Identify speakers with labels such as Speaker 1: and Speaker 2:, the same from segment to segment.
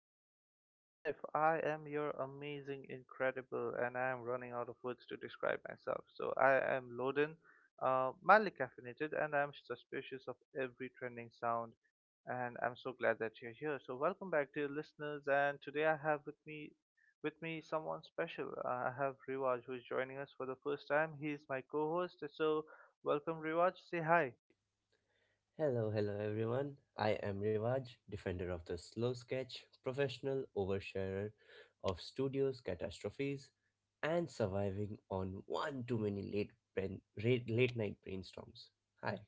Speaker 1: back to Modern Life. I am your amazing, incredible, and I am running out of words to describe myself. So, I am Loden, mildly caffeinated, and I'm suspicious of every trending sound. And I'm so glad that you're here. So, welcome back, dear listeners. And today I have with me someone special. I have Riwaj who is joining us for the first time. He is my co host. So, welcome, Riwaj. Say hi.
Speaker 2: Hi. Hello, hello everyone. I am Rivaj, defender of the slow sketch, professional oversharer of studios catastrophes, and surviving on one too many late night brainstorms. Hi.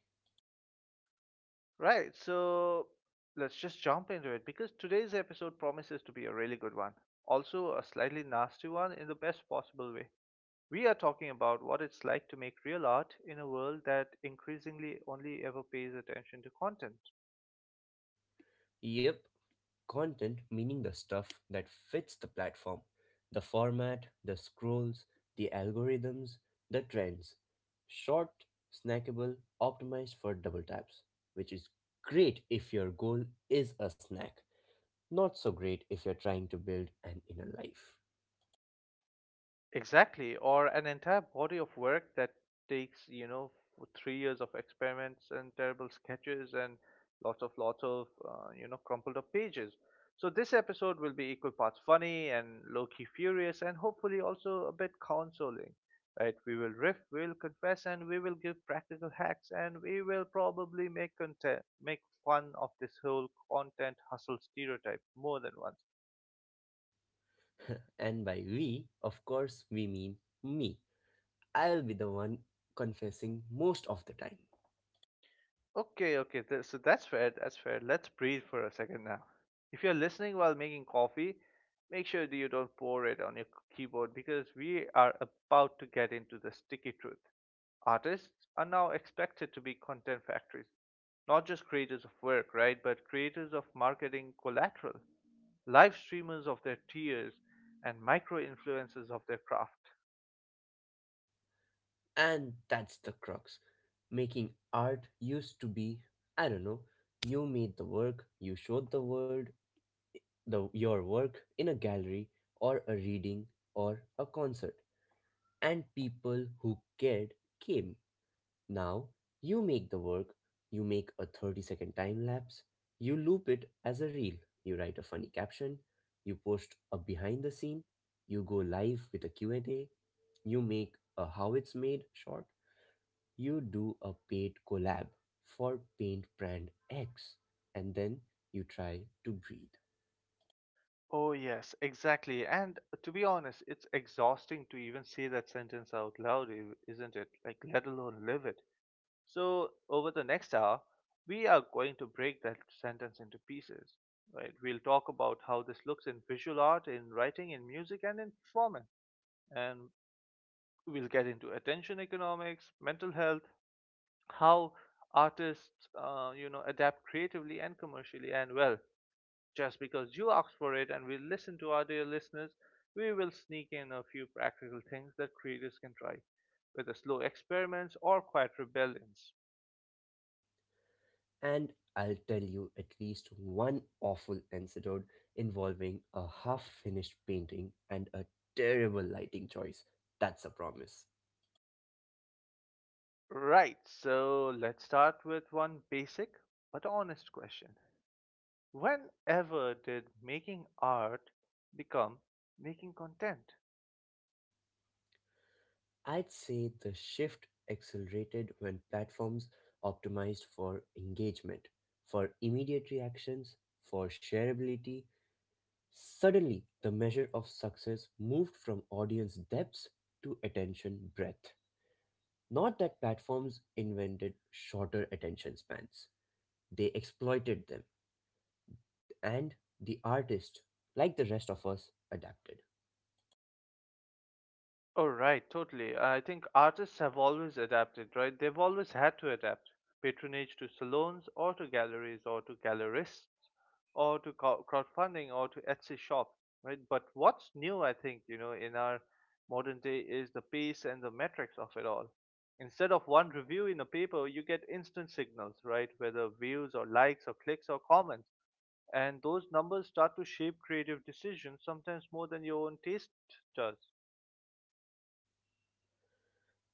Speaker 1: Right, so let's just jump into it because today's episode promises to be a really good one. Also, a slightly nasty one in the best possible way. We are talking about what it's like to make real art in a world that increasingly only ever pays attention to content.
Speaker 2: Yep, content meaning the stuff that fits the platform, the format, the scrolls, the algorithms, the trends. Short, snackable, optimized for double taps, which is great if your goal is a snack. Not so great if you're trying to build an inner life.
Speaker 1: Exactly, or an entire body of work that takes, 3 years of experiments and terrible sketches and lots of, crumpled up pages. So this episode will be equal parts funny and low-key furious and hopefully also a bit consoling. Right? We will riff, we'll confess, and we will give practical hacks, and we will probably make content, make fun of this whole content hustle stereotype more than once.
Speaker 2: And by we, of course, we mean me. I'll be the one confessing most of the time.
Speaker 1: Okay, okay. So that's fair. That's fair. Let's breathe for a second now. If you're listening while making coffee, make sure that you don't pour it on your keyboard because we are about to get into the sticky truth. Artists are now expected to be content factories, not just creators of work, right? But creators of marketing collateral, live streamers of their tears, and micro influencers of their craft.
Speaker 2: And that's the crux. Making art used to be, I don't know, you made the work, you showed the world the your work in a gallery or a reading or a concert, and people who cared came. Now you make the work, you make a 30-second time lapse, you loop it as a reel, you write a funny caption, you post a behind the scene, you go live with a Q&A, you make a how it's made short, you do a paid collab for paint brand X, and then you try to breathe.
Speaker 1: Oh, yes, exactly. And to be honest, it's exhausting to even say that sentence out loud, isn't it? Like, let alone live it. So, over the next hour, we are going to break that sentence into pieces, right? We'll talk about how this looks in visual art, in writing, in music, and in performance. And we'll get into attention economics, mental health, how artists, adapt creatively and commercially, and well, just because you asked for it and we listen to our dear listeners, we will sneak in a few practical things that creators can try, whether slow experiments or quiet rebellions.
Speaker 2: And I'll tell you at least one awful episode involving a half finished painting and a terrible lighting choice. That's a promise.
Speaker 1: Right, so let's start with one basic but honest question. Whenever did making art become making content?
Speaker 2: I'd say the shift accelerated when platforms optimized for engagement, for immediate reactions, for shareability. Suddenly, the measure of success moved from audience depth to attention breadth. Not that platforms invented shorter attention spans, they exploited them, and the artist, like the rest of us, adapted.
Speaker 1: Oh, right, totally. I think artists have always adapted, right? They've always had to adapt. Patronage to salons, or to galleries, or to gallerists, or to crowdfunding, or to Etsy shops, right? But what's new, I think, you know, in our modern day is the pace and the metrics of it all. Instead of one review in a paper, you get instant signals, right? Whether views, or likes, or clicks, or comments. And those numbers start to shape creative decisions, sometimes more than your own taste does.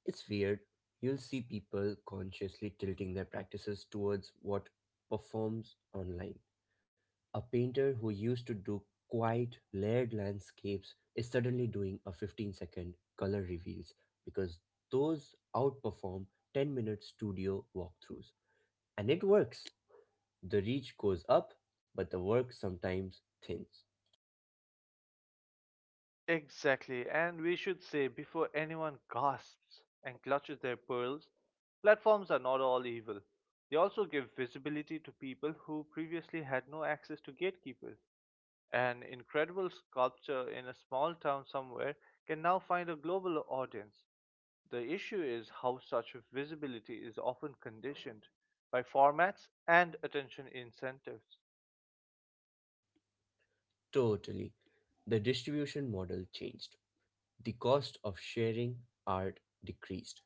Speaker 2: It's weird. You'll see people consciously tilting their practices towards what performs online. A painter who used to do quiet, layered landscapes is suddenly doing a 15-second color reveals because those outperform 10-minute studio walkthroughs. And it works. The reach goes up, but the work sometimes thins.
Speaker 1: Exactly, and we should say before anyone gasps and clutches their pearls, platforms are not all evil. They also give visibility to people who previously had no access to gatekeepers. An incredible sculpture in a small town somewhere can now find a global audience. The issue is how such visibility is often conditioned by formats and attention incentives.
Speaker 2: Totally. The distribution model changed. The cost of sharing art decreased.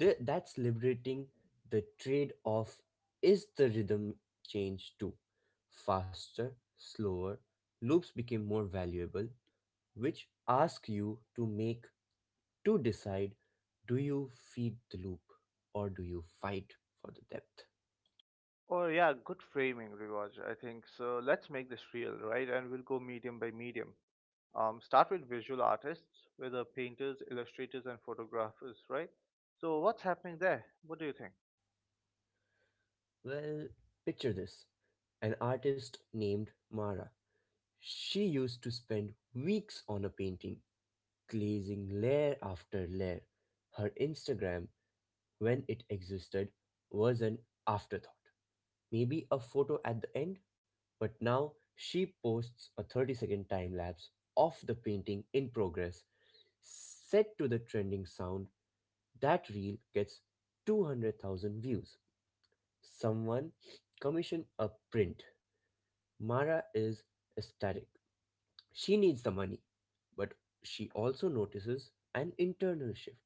Speaker 2: That's liberating. The trade off is the rhythm change too. Faster, slower, loops became more valuable, which ask you to make, to decide, do you feed the loop or do you fight for the depth?
Speaker 1: Oh yeah, good framing, Rivaj. I think so. Let's make this real, right? And we'll go medium by medium. Start with visual artists, whether painters, illustrators, and photographers, right? So what's happening there? What do you think?
Speaker 2: Well, picture this, an artist named Mara. She used to spend weeks on a painting, glazing layer after layer. Her Instagram, when it existed, was an afterthought, maybe a photo at the end, but now she posts a 30-second time lapse of the painting in progress, set to the trending sound. That reel gets 200,000 views. Someone commissioned a print. Mara is ecstatic. She needs the money, but she also notices an internal shift.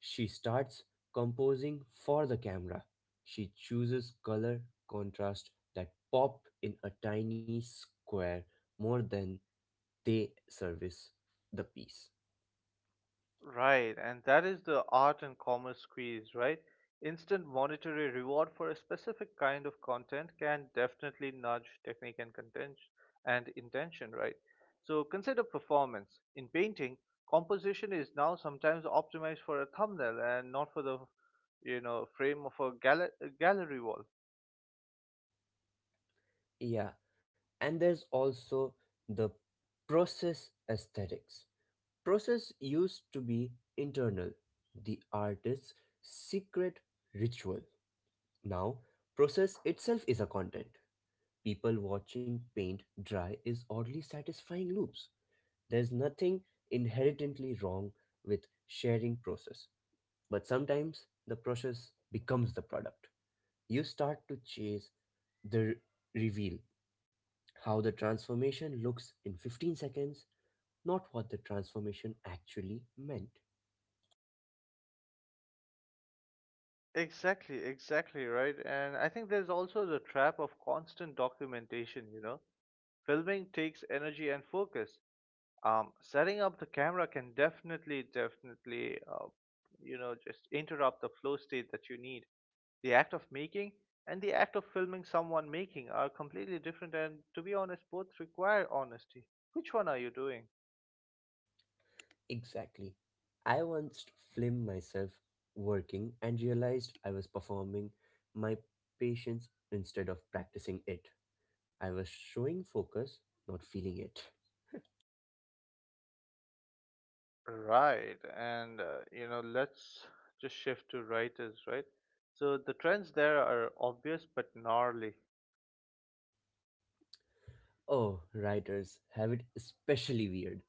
Speaker 2: She starts composing for the camera. She chooses color contrast that pop in a tiny square more than they service the piece.
Speaker 1: Right, and that is the art and commerce squeeze, right? Instant monetary reward for a specific kind of content can definitely nudge technique and content and intention, right? So consider performance. In painting, composition is now sometimes optimized for a thumbnail and not for the, you know, frame of a gallery wall.
Speaker 2: Yeah, and there's also the process aesthetics. Process used to be internal, the artist's secret ritual. Now, process itself is a content. People watching paint dry is oddly satisfying loops. There's nothing inherently wrong with sharing process, but sometimes the process becomes the product. You start to chase the r- reveal, how the transformation looks in 15 seconds, not what the transformation actually meant.
Speaker 1: Exactly, exactly, right? And I think there's also the trap of constant documentation, you know? Filming takes energy and focus, setting up the camera can definitely just interrupt the flow state that you need. The act of making and the act of filming someone making are completely different, and to be honest, both require honesty. Which one are you doing?
Speaker 2: Exactly. I once filmed myself working and realized I was performing my patience instead of practicing it. I was showing focus, not feeling it.
Speaker 1: Right, and let's just shift to writers, right? So the trends there are obvious but gnarly.
Speaker 2: Oh, writers have it especially weird.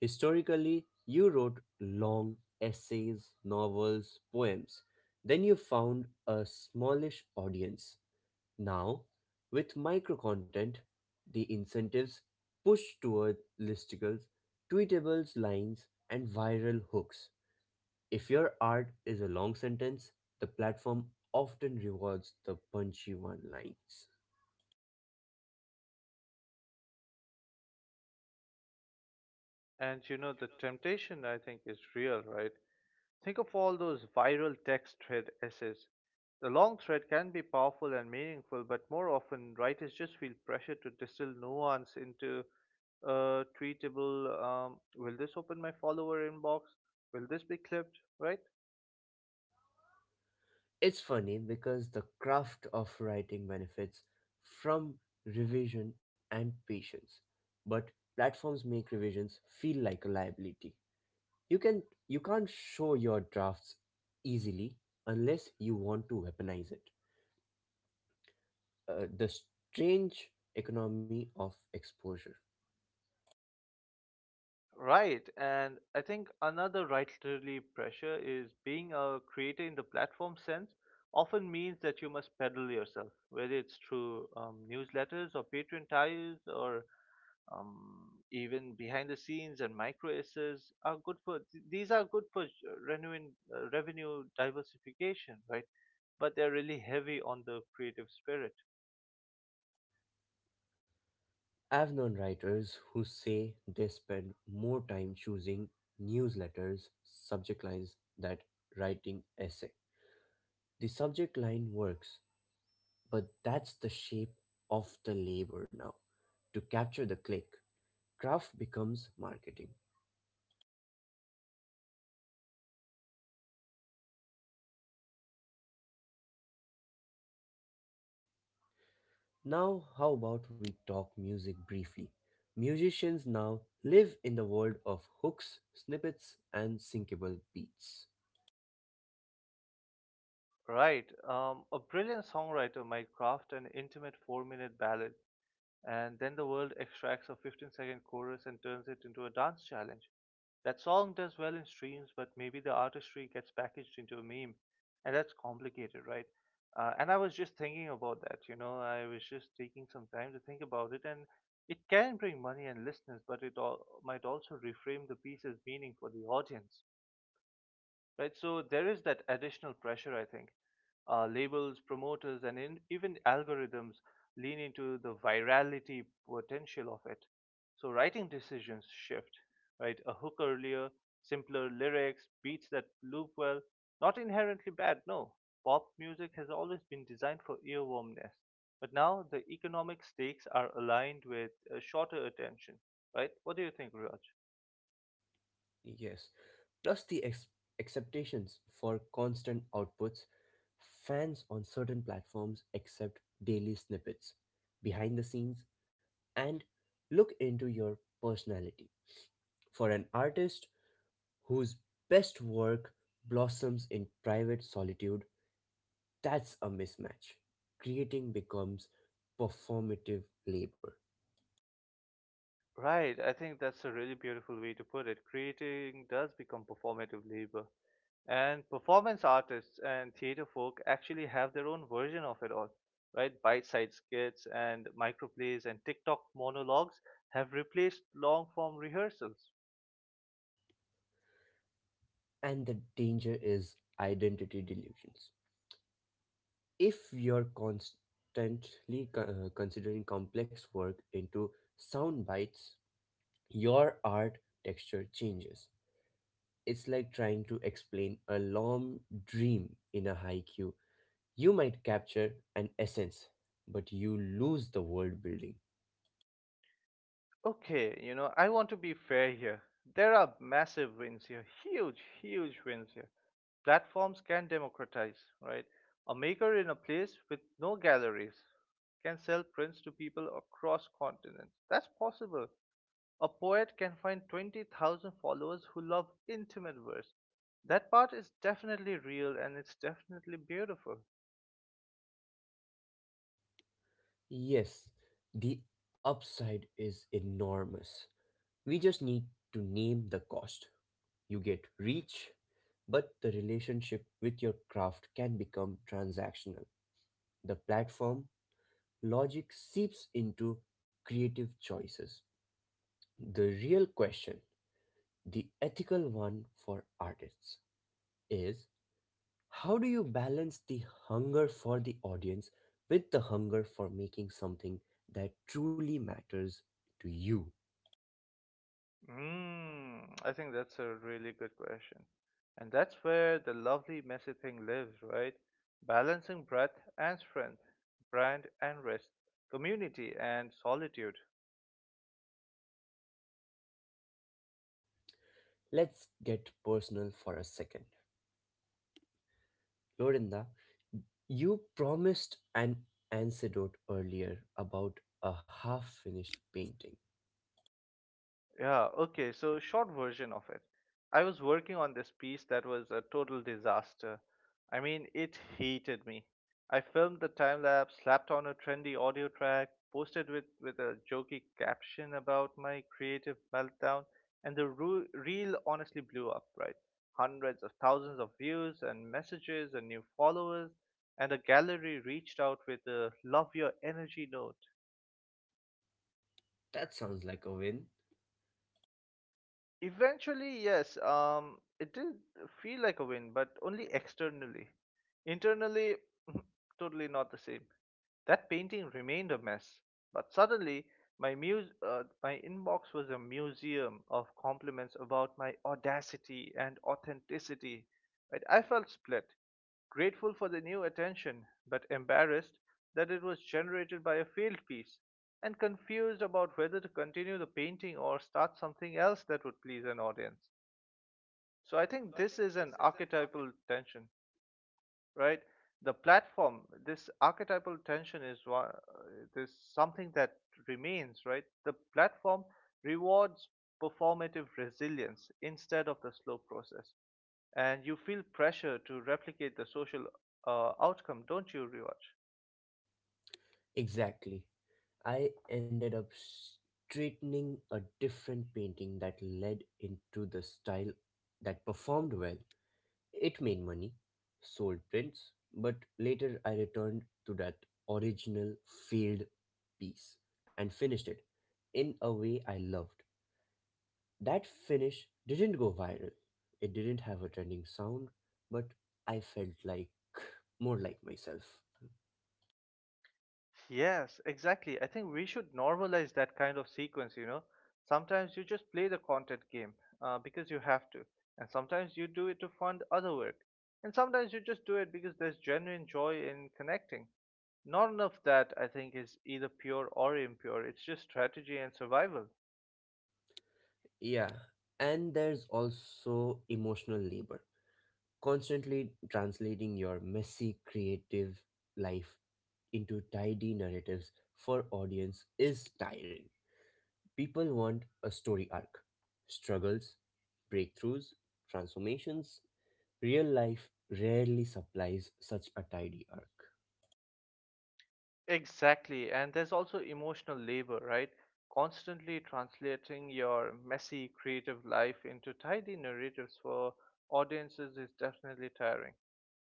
Speaker 2: Historically, you wrote long essays, novels, poems. Then you found a smallish audience. Now, with microcontent, the incentives push toward listicles, tweetables, lines, and viral hooks. If your art is a long sentence, the platform often rewards the punchy one lines.
Speaker 1: And, you know, the temptation, I think, is real, right? Think of all those viral text thread essays. The long thread can be powerful and meaningful, but more often writers just feel pressure to distill nuance into a tweetable, will this open my follower inbox? Will this be clipped? Right?
Speaker 2: It's funny because the craft of writing benefits from revision and patience, but platforms make revisions feel like a liability. You can you can't show your drafts easily unless you want to weaponize it. The strange economy of exposure.
Speaker 1: Right. And I think another writerly pressure is being a creator in the platform sense often means that you must peddle yourself, whether it's through newsletters or Patreon ties or even behind the scenes, and micro essays are good these are good for revenue diversification, right? But they're really heavy on the creative spirit.
Speaker 2: I've known writers who say they spend more time choosing newsletters, subject lines than writing essay. The subject line works, but that's the shape of the labor now. To capture the click, craft becomes marketing. Now, how about we talk music briefly? Musicians now live in the world of hooks, snippets, and syncable beats.
Speaker 1: Right, a brilliant songwriter might craft an intimate 4-minute ballad. And then the world extracts a 15-second chorus and turns it into a dance challenge. That song does well in streams, but maybe the artistry gets packaged into a meme, and that's complicated, right? And I was just thinking about that, you know, I was just taking some time to think about it, and it can bring money and listeners, but it all, might also reframe the piece's meaning for the audience, right? So there is that additional pressure, I think. Labels, promoters, and even algorithms lean into the virality potential of it. So writing decisions shift, right? A hook earlier, simpler lyrics, beats that loop well. Not inherently bad, no. Pop music has always been designed for earwormness. But now the economic stakes are aligned with shorter attention, right? What do you think, Raj?
Speaker 2: Yes, plus the acceptations for constant outputs. Fans on certain platforms accept daily snippets, behind the scenes, and look into your personality. For an artist whose best work blossoms in private solitude, that's a mismatch. Creating becomes performative labor.
Speaker 1: Right, I think that's a really beautiful way to put it. Creating does become performative labor. And performance artists and theater folk actually have their own version of it all, right? Bite sized skits and microplays and TikTok monologues have replaced long form rehearsals.
Speaker 2: And the danger is identity delusions. If you're constantly considering complex work into sound bites, your art texture changes. It's like trying to explain a long dream in a haiku. You might capture an essence, but you lose the world building.
Speaker 1: Okay, you know, I want to be fair here. There are massive wins here, huge, huge wins here. Platforms can democratize, right? A maker in a place with no galleries can sell prints to people across continents. That's possible. A poet can find 20,000 followers who love intimate verse. That part is definitely real and it's definitely beautiful.
Speaker 2: Yes, the upside is enormous. We just need to name the cost. You get reach, but the relationship with your craft can become transactional. The platform logic seeps into creative choices. The real question, the ethical one for artists, is how do you balance the hunger for the audience with the hunger for making something that truly matters to you?
Speaker 1: Mm, I think that's a really good question. And that's where the lovely messy thing lives, right? Balancing breadth and strength, brand and rest, community and solitude.
Speaker 2: Let's get personal for a second. Lorinda, you promised an anecdote earlier about a half finished painting.
Speaker 1: Yeah, okay, so short version of it. I was working on this piece that was a total disaster. I mean, it hated me. I filmed the time lapse, slapped on a trendy audio track, posted with a jokey caption about my creative meltdown, and the reel honestly blew up, right? Hundreds of thousands of views and messages and new followers, and the gallery reached out with a love your energy note.
Speaker 2: That sounds like a win.
Speaker 1: Eventually, yes, it did feel like a win, but only externally. Internally, totally not the same. That painting remained a mess, but suddenly my inbox was a museum of compliments about my audacity and authenticity. Right? I felt split, grateful for the new attention, but embarrassed that it was generated by a failed piece, and confused about whether to continue the painting or start something else that would please an audience. So I think this is an archetypal tension, right? The platform, this archetypal tension is one. This something that remains, right? The platform rewards performative resilience instead of the slow process, and you feel pressure to replicate the social outcome, don't you, Riwaj?
Speaker 2: Exactly. I ended up straightening a different painting that led into the style that performed well. It made money, sold prints, but later I returned to that original failed piece and finished it in a way I loved. That finish didn't go viral. It didn't have a trending sound, but I felt like more like myself.
Speaker 1: Yes, exactly. I think we should normalize that kind of sequence, you know. Sometimes you just play the content game because you have to, and sometimes you do it to fund other work, and sometimes you just do it because there's genuine joy in connecting. Not enough that, I think, is either pure or impure. It's just strategy and survival.
Speaker 2: Yeah, and there's also emotional labor. Constantly translating your messy creative life into tidy narratives for audience is tiring. People want a story arc, struggles, breakthroughs, transformations. Real life rarely supplies such a tidy arc.
Speaker 1: Exactly, and there's also emotional labor, right? Constantly translating your messy creative life into tidy narratives for audiences is definitely tiring.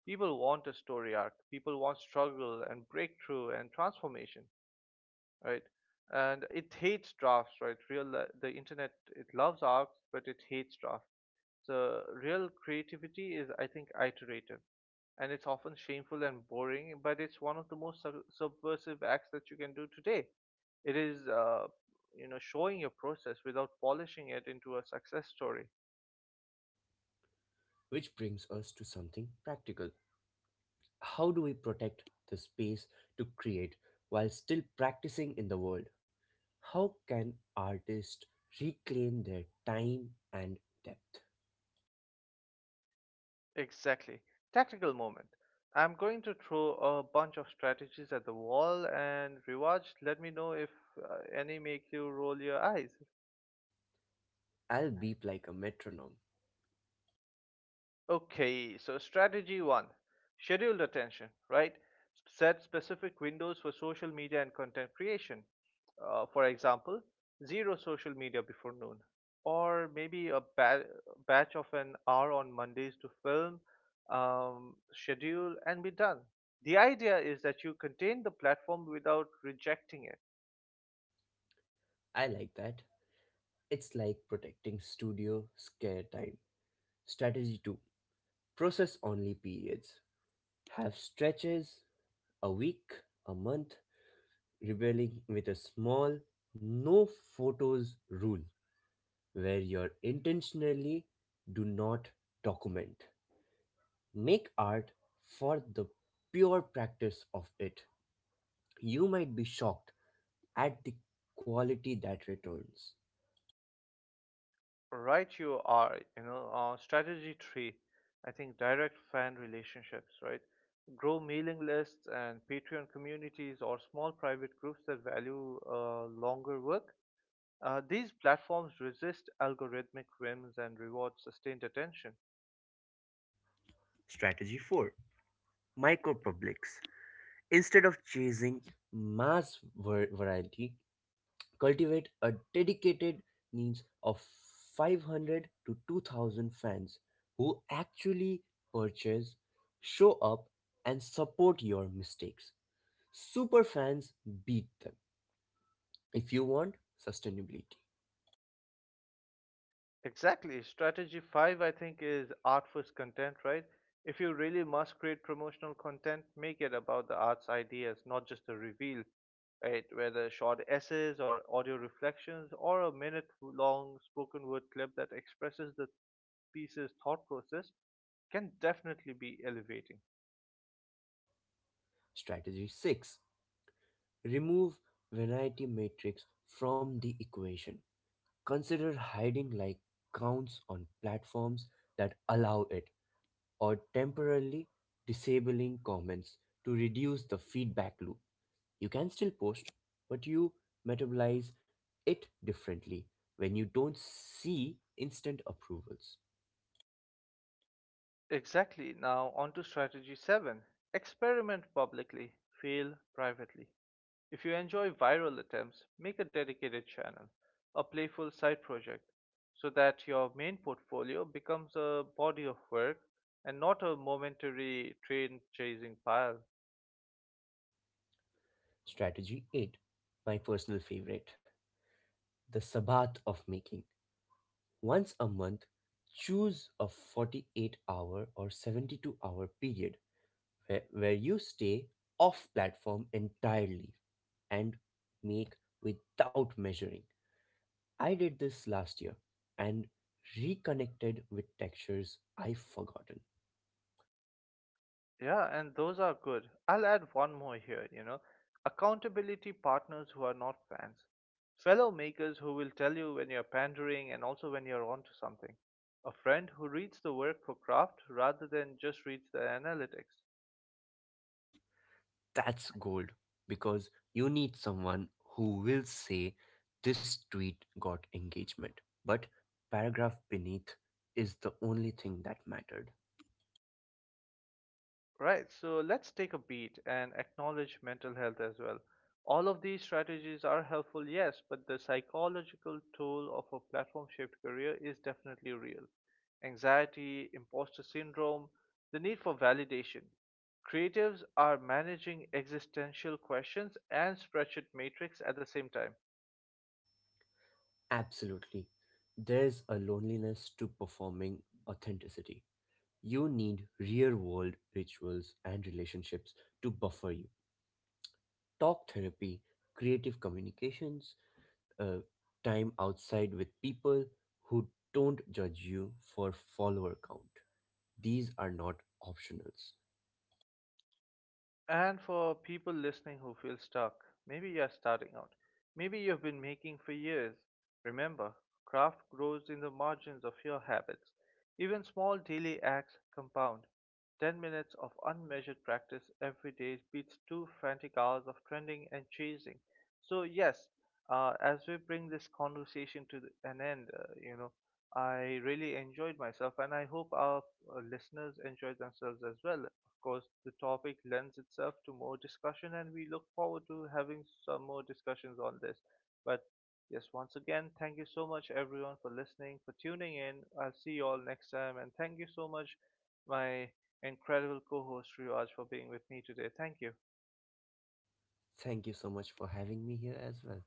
Speaker 1: People want a story arc. People want struggle and breakthrough and transformation, right? And it hates drafts, right? Real The internet, it loves arcs, but it hates drafts. So real creativity is, I think, iterative, and it's often shameful and boring, but it's one of the most subversive acts that you can do today. It is, showing your process without polishing it into a success story.
Speaker 2: Which brings us to something practical. How do we protect the space to create while still practicing in the world? How can artists reclaim their time and depth?
Speaker 1: Exactly. Tactical moment. I'm going to throw a bunch of strategies at the wall, and rewards let me know if any make you roll your eyes.
Speaker 2: I'll beep like a metronome.
Speaker 1: Okay, so strategy one, scheduled attention, right? Set specific windows for social media and content creation. For example, zero social media before noon, or maybe a batch of an hour on Mondays to film, schedule, and be done. The idea is that you contain the platform without rejecting it.
Speaker 2: I like that. It's like protecting studio scare time. Strategy 2, process only periods, have stretches, a week, a month, rebelling with a small no photos rule where you intentionally do not document. Make art for the pure practice of it. You might be shocked at the quality that returns.
Speaker 1: Right, you are, you know, strategy three, I think, direct fan relationships, right? Grow mailing lists and Patreon communities or small private groups that value longer work. These platforms resist algorithmic whims and reward sustained attention.
Speaker 2: Strategy 4, micro publics. Instead of chasing variety, cultivate a dedicated niche of 500 to 2000 fans who actually purchase, show up, and support your mistakes. Super fans beat them if you want sustainability.
Speaker 1: Exactly. Strategy five, I think, is art first content, right? If you really must create promotional content, make it about the art's ideas, not just a reveal, right? Whether short essays or audio reflections or a minute long spoken word clip that expresses the piece's thought process can definitely be elevating.
Speaker 2: Strategy 6, remove vanity metrics from the equation. Consider hiding like counts on platforms that allow it, or temporarily disabling comments to reduce the feedback loop. You can still post, but you metabolize it differently when you don't see instant approvals.
Speaker 1: Exactly. Now, on to strategy seven, experiment publicly, fail privately. If you enjoy viral attempts, make a dedicated channel, a playful side project, so that your main portfolio becomes a body of work and not a momentary train chasing pile.
Speaker 2: Strategy 8, my personal favorite, the Sabbath of making. Once a month, choose a 48 hour or 72-hour period where you stay off platform entirely and make without measuring. I did this last year and reconnected with textures I've forgotten.
Speaker 1: Yeah, and those are good. I'll add one more here, you know. Accountability partners who are not fans. Fellow makers who will tell you when you're pandering and also when you're onto something. A friend who reads the work for craft rather than just reads the analytics.
Speaker 2: That's gold because you need someone who will say this tweet got engagement, but paragraph beneath is the only thing that mattered.
Speaker 1: Right, so let's take a beat and acknowledge mental health as well. All of these strategies are helpful, yes, but the psychological toll of a platform shift career is definitely real. Anxiety, imposter syndrome, the need for validation. Creatives are managing existential questions and spreadsheet matrix at the same time.
Speaker 2: Absolutely. There's a loneliness to performing authenticity. You need real world rituals and relationships to buffer you. Talk therapy, creative communications, uh, time outside with people who don't judge you for follower count. These are not optionals.
Speaker 1: And for people listening who feel stuck, maybe you're starting out. Maybe you've been making for years. Remember, craft grows in the margins of your habits. Even small daily acts compound. 10 minutes of unmeasured practice every day beats two frantic hours of trending and chasing. So, yes, as we bring this conversation to an end, I really enjoyed myself, and I hope our listeners enjoy themselves as well. Of course, the topic lends itself to more discussion, and we look forward to having some more discussions on this. But yes, once again, thank you so much, everyone, for listening, for tuning in. I'll see you all next time, and thank you so much, my incredible co host, Riwaj, for being with me today. Thank you.
Speaker 2: Thank you so much for having me here as well.